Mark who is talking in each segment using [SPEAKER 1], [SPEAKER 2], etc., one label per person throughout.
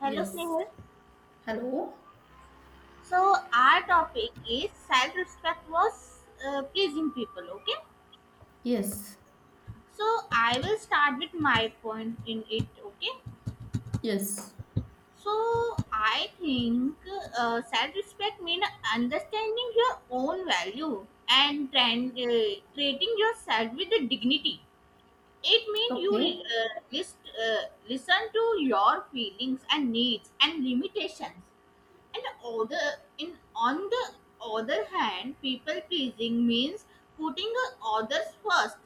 [SPEAKER 1] Hello,
[SPEAKER 2] Yes.
[SPEAKER 1] Snehal.
[SPEAKER 2] Hello?
[SPEAKER 1] So, our topic is self respect was pleasing people, okay?
[SPEAKER 2] Yes.
[SPEAKER 1] So, I will start with my point in it, okay?
[SPEAKER 2] Yes.
[SPEAKER 1] So, I think self respect means understanding your own value and trend, treating yourself with the dignity. It means
[SPEAKER 2] Okay.
[SPEAKER 1] you listen to your feelings and needs and limitations. And other in on the other hand, people pleasing means putting the others first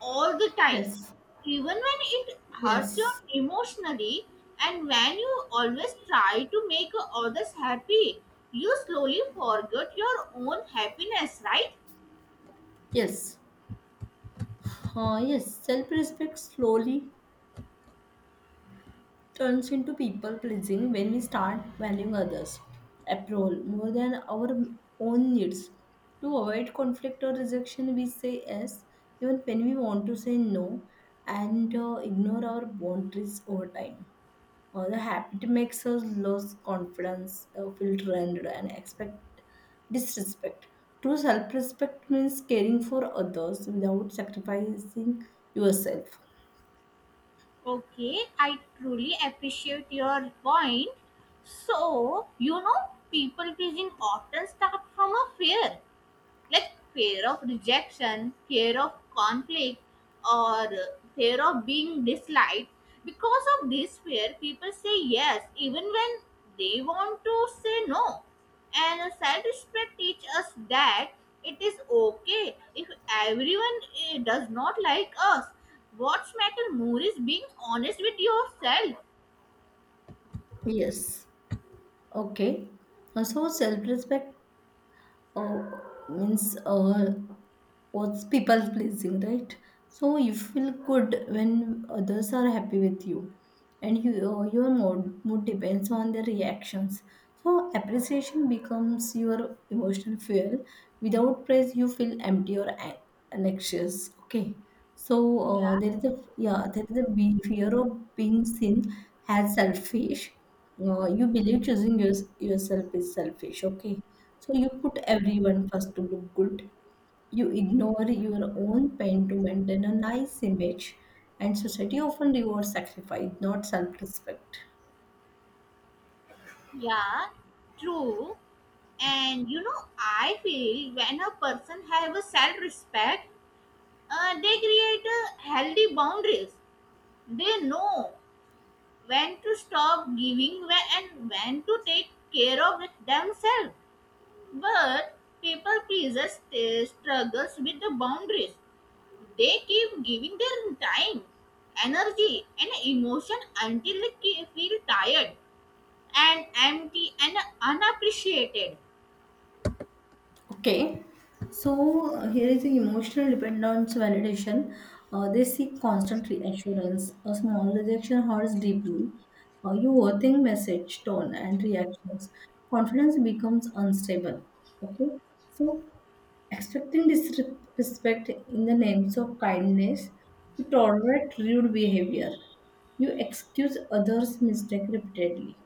[SPEAKER 1] all the time,
[SPEAKER 2] Yes.
[SPEAKER 1] even when it hurts you
[SPEAKER 2] Yes.
[SPEAKER 1] emotionally, and when you always try to make others happy, you slowly forget your own happiness, right?
[SPEAKER 2] Yes. Yes. Self respect slowly turns into people pleasing when we start valuing others' approval more than our own needs. To avoid conflict or rejection, we say yes even when we want to say no and ignore our boundaries over time. The habit makes us lose confidence, feel drained, and expect disrespect. True self respect means caring for others without sacrificing yourself.
[SPEAKER 1] Okay, I truly appreciate your point. So, people pleasing often start from a fear. Like fear of rejection, fear of conflict, or fear of being disliked. Because of this fear, people say yes even when they want to say no. And self respect teaches us that it is okay if everyone does not like us. What's matter more is being honest with yourself.
[SPEAKER 2] Yes. Okay. So self respect uh, means was people pleasing, right? So you feel good when others are happy with you, and your mood depends on their reactions. So appreciation becomes your emotional fuel. Without praise, you feel empty or anxious. Okay, so
[SPEAKER 1] Yeah.
[SPEAKER 2] there is a yeah, there is a fear of being seen as selfish. You believe choosing yourself is selfish. Okay, so you put everyone first to look good, you ignore your own pain to maintain a nice image, and society often rewards sacrifice, not self respect.
[SPEAKER 1] Yeah, true. And I feel when a person have a self-respect, they create a healthy boundaries. They know when to stop giving and when to take care of it themselves. But people pleasers struggles with the boundaries. They keep giving their time, energy, and emotion until they feel tired and empty and unappreciated.
[SPEAKER 2] Okay, so here is the emotional dependence validation. They seek constant reassurance. A small rejection hurts deeply. You overthink message, tone, and reactions. Confidence becomes unstable. Okay, so expecting disrespect in the names of kindness, you tolerate rude behavior. You excuse others' mistake repeatedly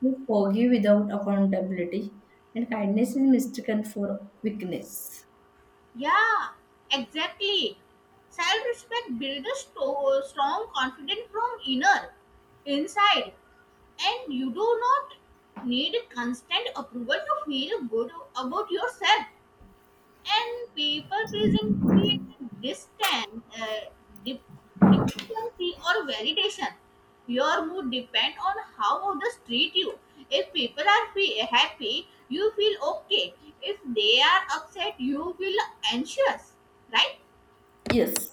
[SPEAKER 2] who forgive without accountability, and kindness is mistaken for weakness.
[SPEAKER 1] Yeah, exactly. Self respect builds a strong confidence from inside, and you do not need constant approval to feel good about yourself. And people pleasing created distance, dep- dependency or validation. Your mood depends on how others treat you. If people are happy, you feel okay. If they are upset, you feel anxious. Right?
[SPEAKER 2] Yes,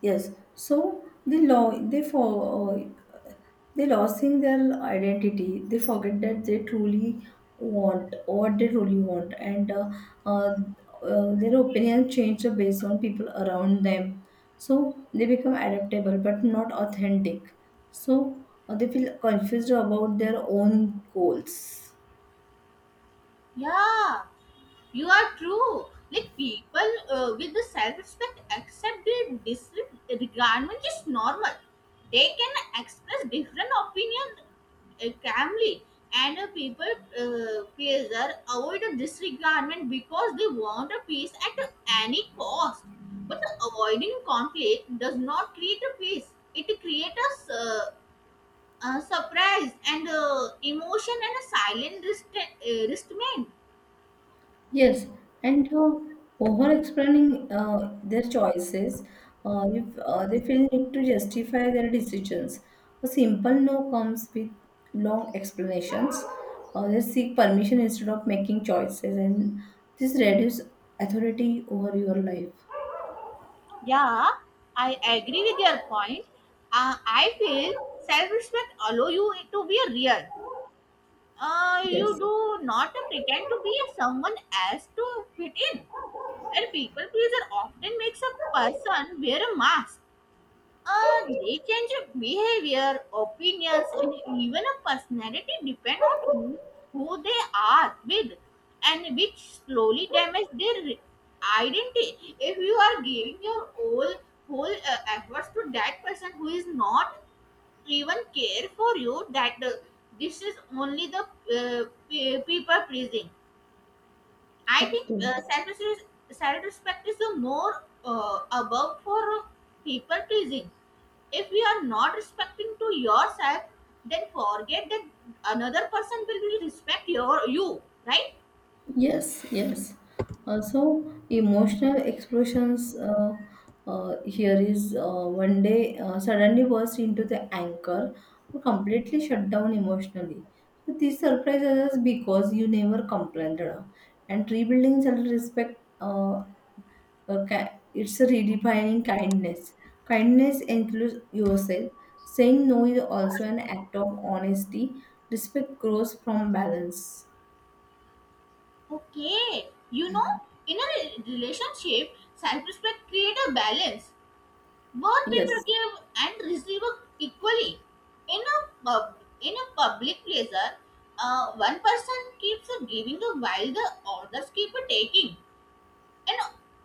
[SPEAKER 2] yes. So uh, they losing their identity. They forget that they truly want what they truly want, and uh, their opinion change based on people around them. So they become adaptable but not authentic. So they feel confused about their own goals.
[SPEAKER 1] Yeah. You are true. Like people with the self-respect accept the disregardment is normal. They can express different opinion calmly, and people pleaser avoid the disregardment because they want a peace at any cost. But avoiding conflict does not create a peace. It creates a surprise and emotion and a silent restraint.
[SPEAKER 2] Yes, and over explaining their choices, if they feel need to justify their decisions. A simple no comes with long explanations. They seek permission instead of making choices, and this reduces authority over your life.
[SPEAKER 1] Yeah, I agree with your point. I feel self-respect allow you to be real. You
[SPEAKER 2] Yes,
[SPEAKER 1] do not pretend to be someone else to fit in. And people pleaser often makes a person wear a mask. They change your behavior, opinions, and even a personality depend on who they are with, and which slowly damage their identity. If you are giving your whole efforts to that person who is not even care for you, that this is only the people pleasing. I think
[SPEAKER 2] okay.
[SPEAKER 1] self-respect is the more above for people pleasing. If we are not respecting to yourself, then forget that another person will really respect your you, right?
[SPEAKER 2] Yes, yes. Also, emotional explosions here is one day suddenly burst into the anchor or completely shut down emotionally. So this surprises us because you never complained. And rebuilding self-respect it's a redefining kindness. Kindness includes yourself. Saying no is also an act of honesty. Respect grows from balance.
[SPEAKER 1] Okay, in a relationship, self-respect create a balance. Both people
[SPEAKER 2] Yes.
[SPEAKER 1] give and receive equally. In a pub, in a public pleasure, one person keeps giving while the others keep taking, and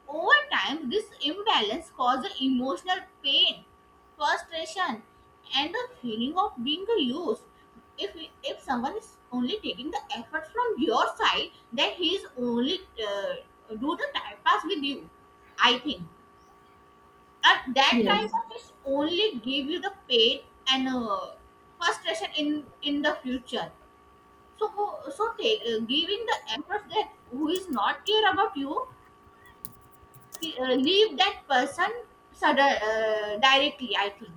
[SPEAKER 1] over time, this imbalance causes emotional pain, frustration, and a feeling of being used. If if someone is only taking the effort from your side, then he is only do the time pass with you. I think at that time
[SPEAKER 2] Yes.
[SPEAKER 1] of it's only give you the pain and frustration in the future, so so giving the efforts that who is not care about you, he, leave that person directly, I think.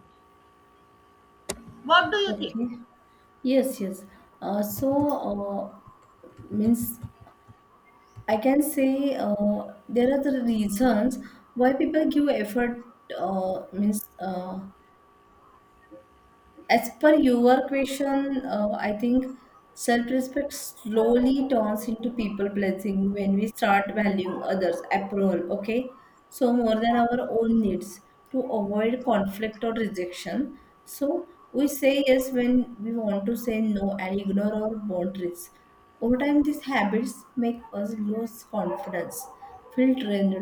[SPEAKER 1] What do you think?
[SPEAKER 2] Okay. Yes, yes. Uh, so, means I can say there are the reasons why people give effort, means as per your question, I think self respect slowly turns into people blessing when we start valuing others' approval, okay? So, more than our own needs to avoid conflict or rejection. So, we say yes when we want to say no and ignore our boundaries. Over time, these habits make us lose confidence, feel drained,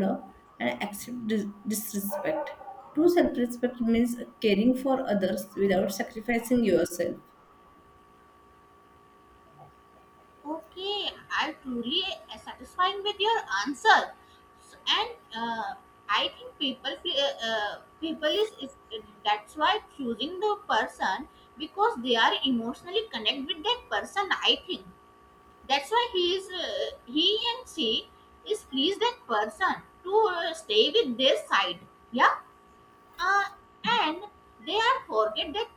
[SPEAKER 2] and accept disrespect. True self respect means caring for others without sacrificing yourself.
[SPEAKER 1] Okay, I truly satisfying with your answer, so, and uh, I think people is that's why choosing the person because they are emotionally connect with that person. I think that's why he and she is pleased that person to stay with their side. Yeah, uh, and they have forget that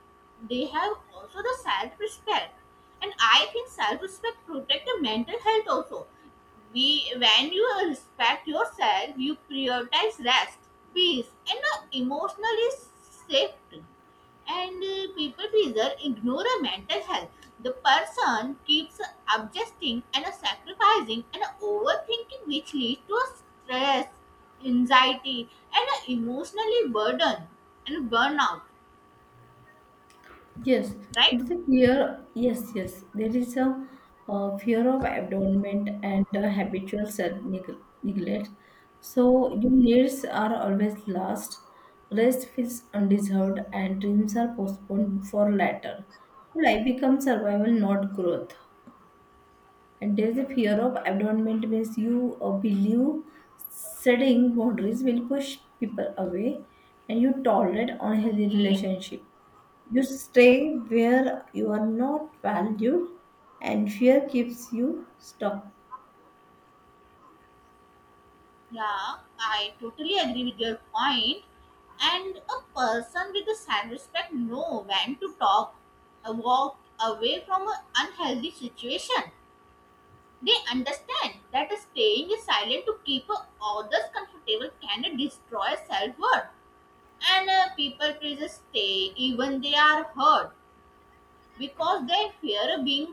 [SPEAKER 1] they have also the self-respect, and I think self-respect protect the mental health also. We when you respect yourself, you prioritize rest, peace, and emotionally safety, and people pleaser ignore a mental health. The person keeps adjusting and sacrificing and overthinking, which leads to stress, anxiety, and emotionally burden and burnout.
[SPEAKER 2] Yes,
[SPEAKER 1] Right?
[SPEAKER 2] there is a fear. Yes, yes, there is a, fear of abandonment and a habitual self neglect. So your needs are always last. Rest feels undeserved, and dreams are postponed for later. Life becomes survival, not growth. And there's a fear of abandonment means you believe setting boundaries will push people away and you tolerate unhealthy
[SPEAKER 1] Okay.
[SPEAKER 2] relationship. You stay where you are not valued and fear keeps you stuck.
[SPEAKER 1] Yeah, I totally agree with your point. And a person with a self-respect know when to walk away from an unhealthy situation. They understand that staying silent to keep others comfortable can destroy self worth. And people please stay even they are hurt because they fear being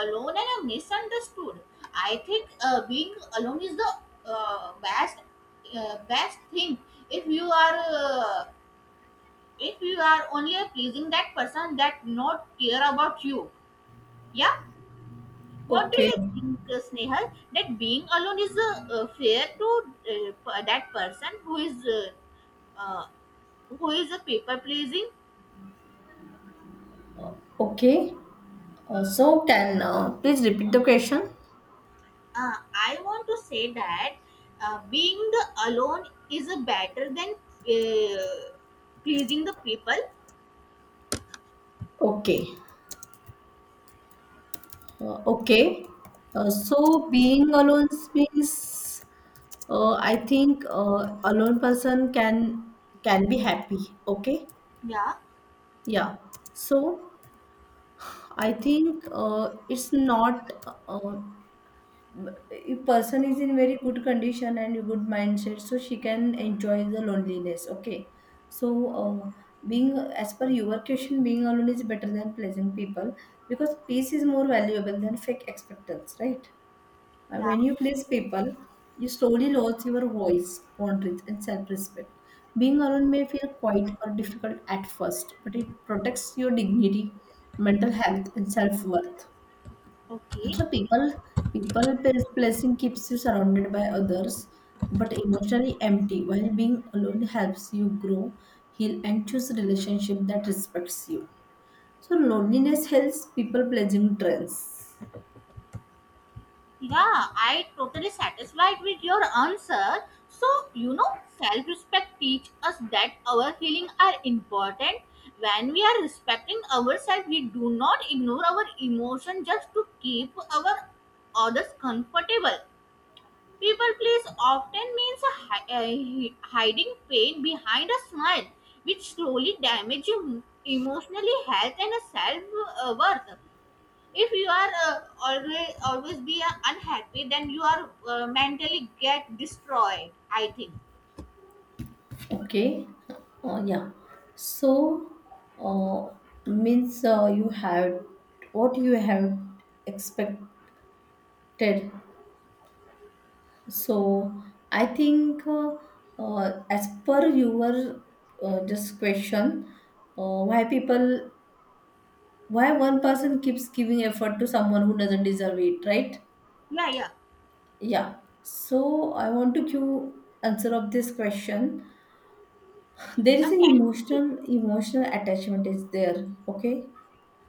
[SPEAKER 1] alone and misunderstood. I think being alone is the uh, best best thing if you are uh, if you are only pleasing that person that not care about you. Yeah. What do
[SPEAKER 2] Okay.
[SPEAKER 1] you think, Snehal? That being alone is fair to that person uh, who is a people pleasing.
[SPEAKER 2] Okay. So can please repeat the question?
[SPEAKER 1] I want to say that being the alone is a better than uh, pleasing the people.
[SPEAKER 2] Okay. Uh, okay. So being alone means I think alone person can be happy. Okay,
[SPEAKER 1] Yeah,
[SPEAKER 2] yeah. So I think it's not if person is in very good condition and a good mindset, so she can enjoy the loneliness. Okay, so uh, being as per your question, being alone is better than pleasant people because peace is more valuable than fake expectance, right?
[SPEAKER 1] yeah,
[SPEAKER 2] When you please people, you slowly lose your voice, boundaries, and self respect. Being alone may feel quiet or difficult at first, but it protects your dignity, mental health, and self worth.
[SPEAKER 1] okay.
[SPEAKER 2] So people placing keeps you surrounded by others, but emotionally empty. While being alone helps you grow, heal, and choose a relationship that respects you. So loneliness helps people pleasing trends.
[SPEAKER 1] Yeah, I totally satisfied with your answer. So, self respect teach us that our feelings are important. When we are respecting ourselves, we do not ignore our emotion just to keep our others comfortable. People please often means a hiding pain behind a smile, which slowly damages emotionally health and self worth. If you are always be unhappy, then you are mentally get destroyed, I think.
[SPEAKER 2] Okay. Uh, yeah. So, uh, means you have what you have expected. So, I think as per your just question, uh, why people, why one person keeps giving effort to someone who doesn't deserve it, right?
[SPEAKER 1] Yeah, yeah.
[SPEAKER 2] Yeah. So, I want to give answer of this question. There is an
[SPEAKER 1] Can you?
[SPEAKER 2] emotional attachment is there. Okay.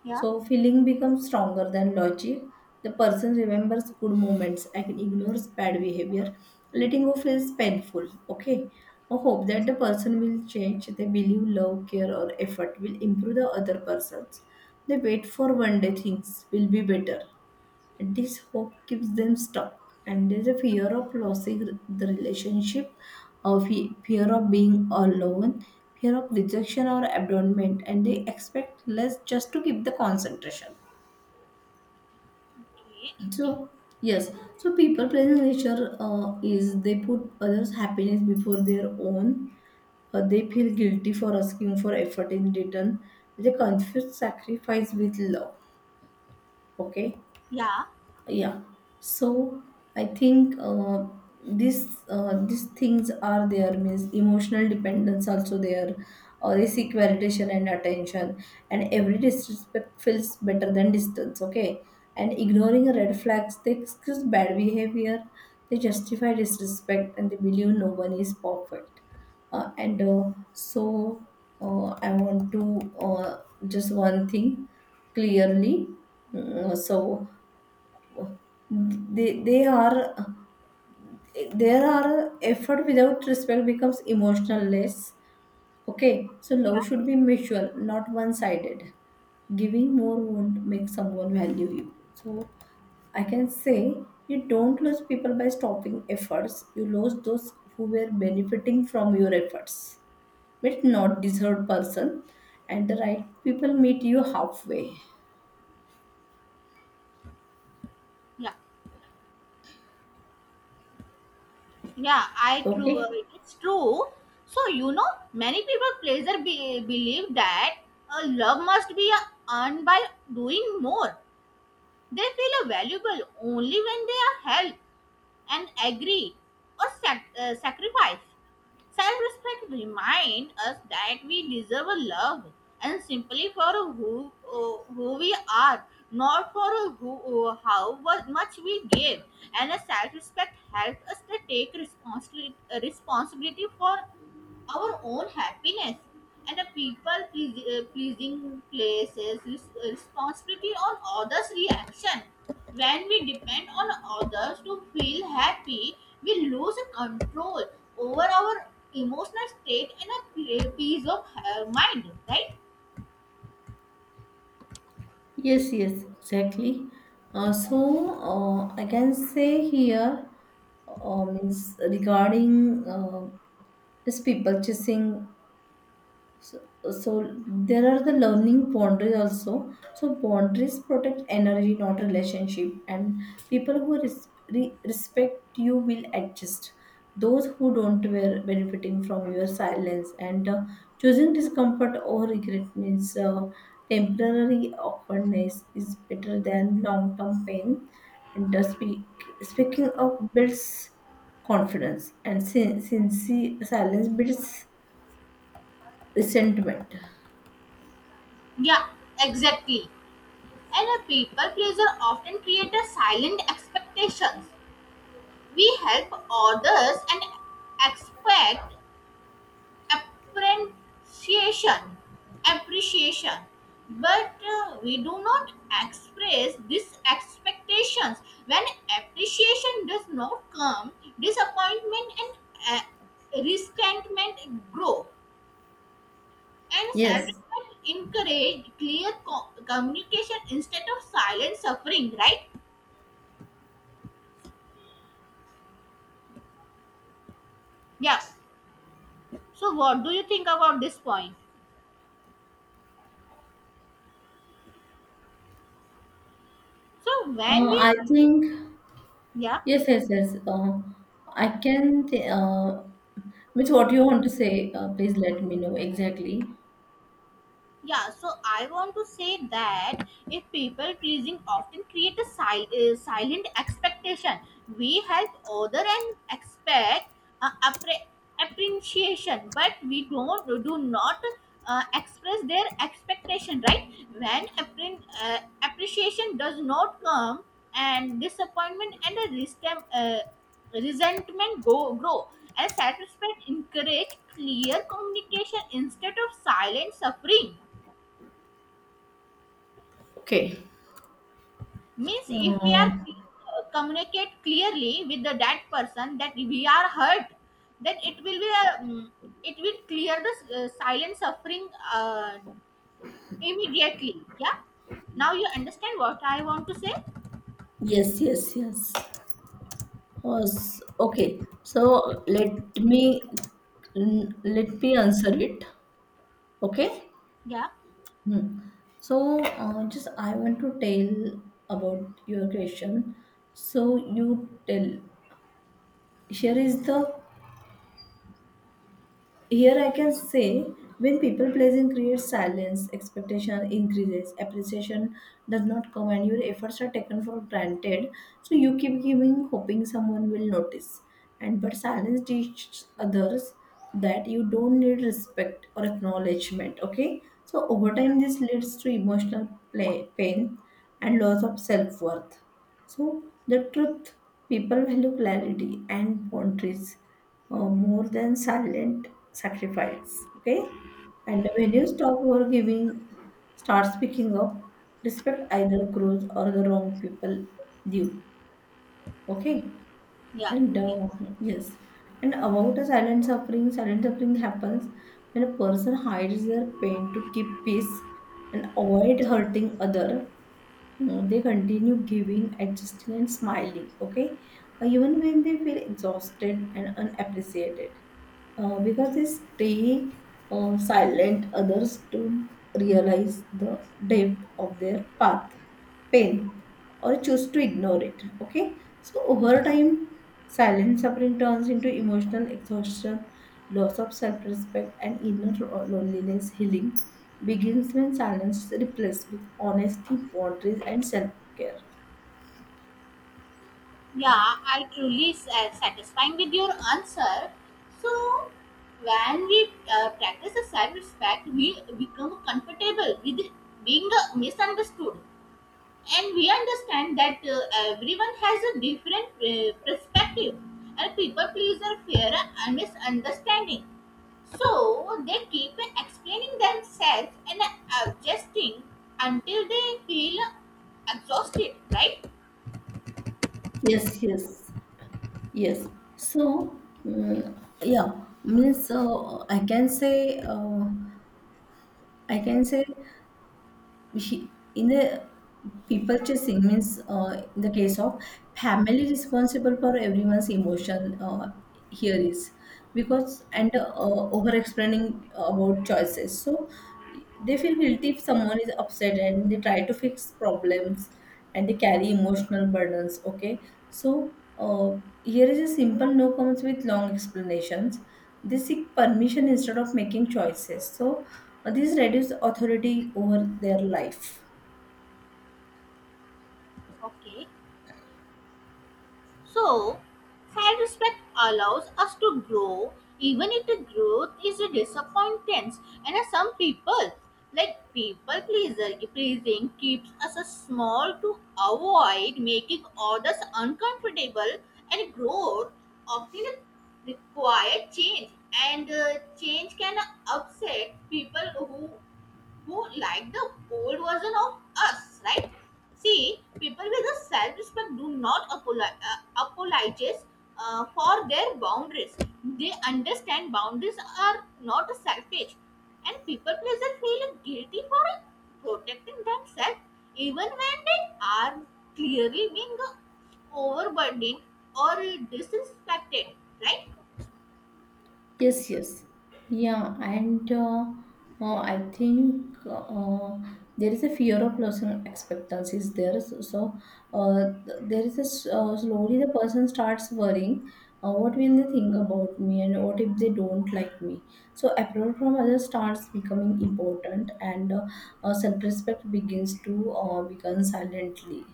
[SPEAKER 1] Yeah,
[SPEAKER 2] So feeling becomes stronger than logic. The person remembers good moments and ignores bad behavior. Letting go feels painful. Okay. I hope that the person will change. They believe love, care, or effort will improve the other persons. They wait for one day things will be better. This hope keeps them stuck, and there's a fear of losing the relationship, a fear of being alone, fear of rejection or abandonment, and they expect less just to keep the concentration.
[SPEAKER 1] okay.
[SPEAKER 2] So yes, so people pleasing nature is they put others' happiness before their own. They feel guilty for asking for effort in return. They confuse sacrifice with love. Okay.
[SPEAKER 1] Yeah,
[SPEAKER 2] Yeah, so I think this these things are there, means emotional dependence also there, or they seek validation and attention, and every disrespect feels better than distance. Okay, and ignoring red flags, they excuse bad behavior, they justify disrespect, and they believe no one is perfect. And so I want to just one thing clearly. Mm, so they are there are effort without respect becomes emotionless. Okay, so
[SPEAKER 1] yeah,
[SPEAKER 2] love should be mutual, not one sided. Giving more won't make someone value you. So I can say, you don't lose people by stopping efforts, you lose those who were benefiting from your efforts, but not deserved person, and the right people meet you halfway.
[SPEAKER 1] yeah, yeah. I true
[SPEAKER 2] Okay.
[SPEAKER 1] It's true. So many people pleasure believe that love must be earned by doing more. They feel valuable only when they are helped and agree or sacrifice. Self respect reminds us that we deserve a love and simply for who we are, not for how much we give. And a self respect helps us to take responsibility for our own happiness, and a people pleasing places responsibility on others reaction. When we depend on others to feel happy, we lose control over our emotional state and a peace of mind, right?
[SPEAKER 2] Yes, yes, exactly. I can say here, means regarding is people chasing, so there are the learning boundaries also, so boundaries protect energy, not relationship, and people who respect you will adjust. Those who don't were benefiting from your silence, and choosing discomfort or regret means temporary awkwardness is better than long-term pain, and speaking of builds confidence, and sincere silence builds resentment.
[SPEAKER 1] Yeah, exactly. And a people pleaser often create a silent expectations. We help others and expect appreciation appreciation, but we do not express these expectations. When appreciation does not come, disappointment and uh, resentment grow, and
[SPEAKER 2] Yes,
[SPEAKER 1] self-reflection encourage clear communication instead of silent suffering, right? Yeah. So what do you think about this point, so when we?
[SPEAKER 2] I think
[SPEAKER 1] Yeah.
[SPEAKER 2] yes, yes, yes. I can. Which what you want to say? Please let me know exactly.
[SPEAKER 1] Yeah, so I want to say that if people pleasing often create a silent expectation, we help other and expect uh, appre- appreciation, but we don't do not express their expectation. Right? When appreciation does not come, and disappointment and a resentment go grow, and satisfaction encourage clear communication instead of silent suffering. Means if we
[SPEAKER 2] Uh,
[SPEAKER 1] are communicate clearly with the that person that we are hurt, then it will be it will clear the silent suffering uh, immediately, yeah. Now you understand what I want to say.
[SPEAKER 2] yes, yes, yes. Was okay. So let me let me answer it. Okay.
[SPEAKER 1] Yeah,
[SPEAKER 2] Hmm. So just I want to tell about your question. So you tell. Here is the Here I can say, when people pleasing creates silence, expectation increases, appreciation does not come, and your efforts are taken for granted. So you keep giving, hoping someone will notice. And but silence teaches others that you don't need respect or acknowledgement. Okay, so over time this leads to emotional play, pain and loss of self worth. So, the truth, people value clarity and boundaries more than silent sacrifice. Okay, and when you stop your giving, start speaking up, respect either grows or the wrong people do. Okay,
[SPEAKER 1] yeah,
[SPEAKER 2] and
[SPEAKER 1] okay.
[SPEAKER 2] yes, and about the silent suffering happens when a person hides their pain to keep peace and avoid hurting other, no, they continue giving, adjusting, and smiling, okay? Even when they feel exhausted and unappreciated. Because they stay silent, others don't realize the depth of their pain, or choose to ignore it, okay? So, over time, silent suffering turns into emotional exhaustion, loss of self respect, and inner loneliness. Healing begins when silence is replaced with honesty, boundaries, and self care.
[SPEAKER 1] Yeah, I truly satisfying with your answer. So when we practice a self-respect, we become comfortable with being misunderstood, and we understand that everyone has a different perspective, and people pleaser fear a misunderstanding, so they keep explaining themselves and adjusting until they feel exhausted, right?
[SPEAKER 2] Yes, yes, yes. So, yeah, means I can say, I can say. In the people chasing means in the case of family responsible for everyone's emotion, here is because, and over explaining about choices, so they feel guilty if someone is upset and they try to fix problems, and they carry emotional burdens. Okay, so here is a simple no comments with long explanations, they seek permission instead of making choices, so this reduces authority over their life.
[SPEAKER 1] Okay. So, self respect allows us to grow, even if the growth is a disappointance. And as some people, like people pleaser, pleasing keeps us a small to avoid making others uncomfortable, and growth often requires change. And change can upset people who like the old version of us, right? See, people with a self-respect do not apologize for their boundaries. They understand boundaries are not selfish, and people pleaser feel guilty for protecting themselves even when they are clearly being overburdened or disrespected, right?
[SPEAKER 2] Yes, yes. Yeah, and I think there is a fear of losing expectancies there. So, there is a s slowly the person starts worrying. What will they think about me, and what if they don't like me? So approval from others starts becoming important, and self-respect begins to become silently.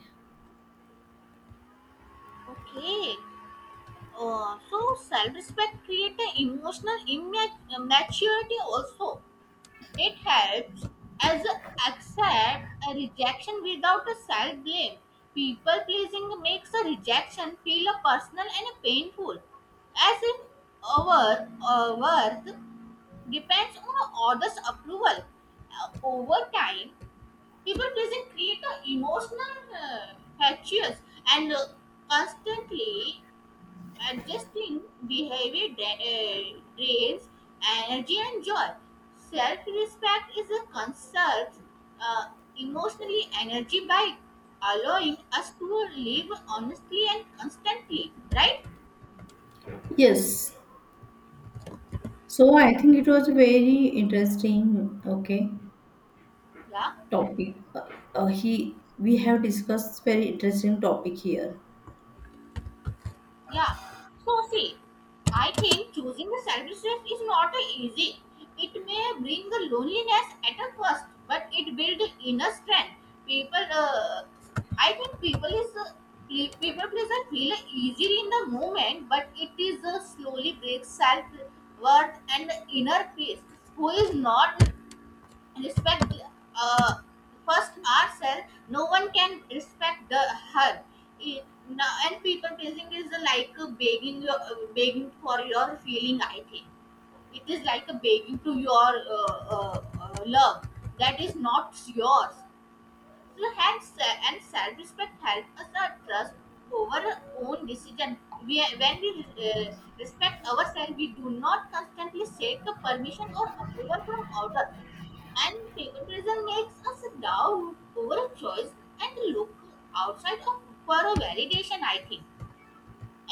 [SPEAKER 1] Okay. So self-respect creates an emotional maturity also. It helps as a accept a rejection without a self-blame. People pleasing makes a rejection feel a personal and a painful, as if our worth depends on others' approval. Over time, people pleasing create an emotional hatches, and constantly adjusting behavior drains energy and joy. Self respect is a conserves uh, emotionally energy by allowing us to live honestly and constantly, right?
[SPEAKER 2] Yes. So I think it was very interesting. Okay.
[SPEAKER 1] Yeah.
[SPEAKER 2] Topic. He we have discussed very interesting topic here.
[SPEAKER 1] Yeah. So see, I think choosing the selfishness is not easy. It may bring the loneliness at a first, but it builds inner strength. People, uh, I think people pleaser feel easily in the moment, but it is slowly breaks self worth and inner peace. Who is not respect uh, first ourselves, no one can respect the her It- now. And people pleasing is like a begging for your feeling, I think. It is like a begging to your love that is not yours, and self-respect help us not trust over our own decision. When we respect ourselves, we do not constantly seek a permission or approval from others. And favoritism makes us doubt over a choice and look outside of for a validation, I think.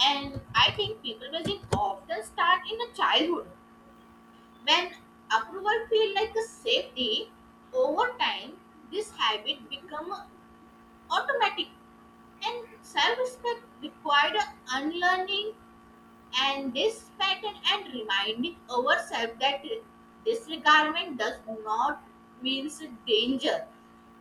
[SPEAKER 1] And I think people' favoritism often start in a childhood when approval feel like a safety. Over time, this habit become Automatic, and self-respect required unlearning and this pattern and reminding ourselves that disregardment does not means danger.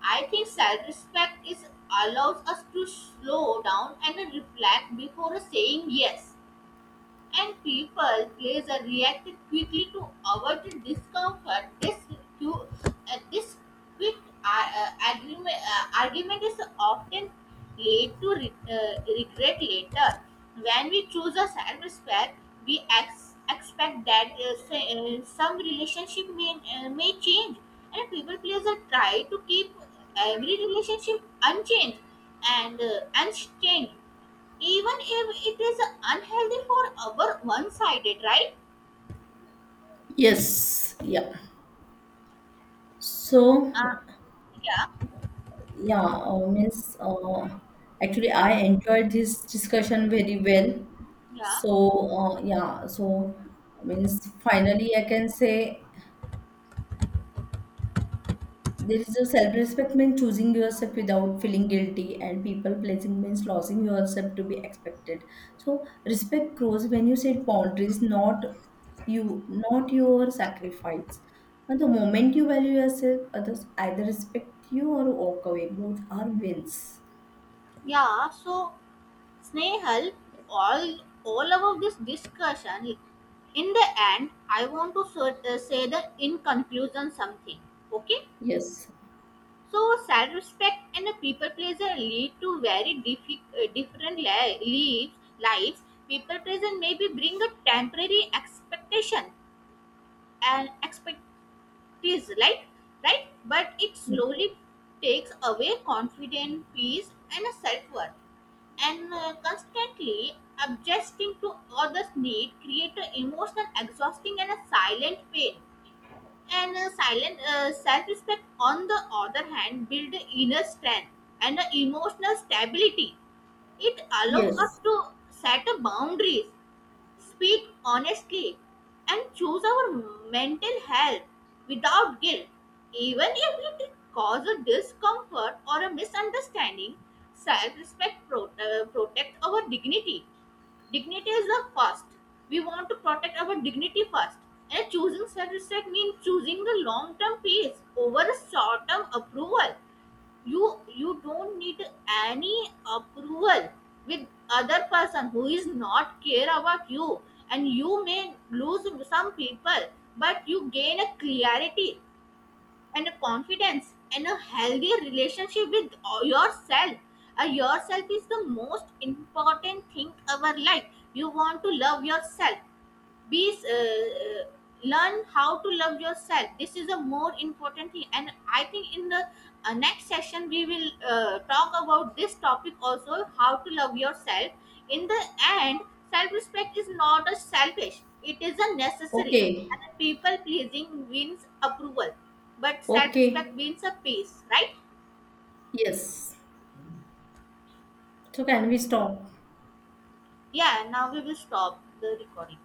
[SPEAKER 1] I think self-respect is allows us to slow down and reflect before saying yes, and people pleaser reacted quickly to avoid the discomfort. Cu- this quick argument is often led to regret later. When we choose a self respect, we expect that say, some relationship may change, and people pleaser try to keep every relationship unchanged even if it is unhealthy for our one sided, right?
[SPEAKER 2] Yes, yeah. So
[SPEAKER 1] uh, yeah,
[SPEAKER 2] yeah, means actually I enjoyed this discussion very well.
[SPEAKER 1] yeah,
[SPEAKER 2] So yeah, so means finally I can say, there is a self-respect means choosing yourself without feeling guilty, and people pleasing means losing yourself to be expected. So respect grows when you set boundaries, you, not your sacrifice. And the moment you value yourself, others either respect you or walk away. Both are wins.
[SPEAKER 1] yeah. So, Snehal, all of this discussion, in the end, I want to say that in conclusion something, okay.
[SPEAKER 2] Yes.
[SPEAKER 1] So self respect and the people pleaser lead to very different lives. People pleaser maybe bring a temporary expectation, and expectation is like, right, but it slowly takes away confidence, peace, and a self-worth, and constantly adjusting to others need create an emotional exhausting and a silent pain, and a silent self-respect on the other hand build inner strength and a emotional stability. It allows us
[SPEAKER 2] Yes.
[SPEAKER 1] to set a boundaries, speak honestly, and choose our mental health without guilt. Even if it causes discomfort or a misunderstanding, self respect protects our dignity. Dignity is the first. We want to protect our dignity first. And choosing self respect means choosing the long term peace over short term approval. You don't need any approval with other person who is not care about you, and you may lose some people, but you gain a clarity and a confidence and a healthy relationship with yourself. Yourself is the most important thing our life. You want to love yourself. Bees Learn how to love yourself. This is a more important thing, and I think in the next session we will talk about this topic also, how to love yourself. In the end, self-respect is not a selfish; it is a necessary.
[SPEAKER 2] Okay.
[SPEAKER 1] And a people pleasing wins approval, but self-respect
[SPEAKER 2] Okay.
[SPEAKER 1] wins a peace, right?
[SPEAKER 2] Yes. So can we stop?
[SPEAKER 1] Yeah. Now we will stop the recording.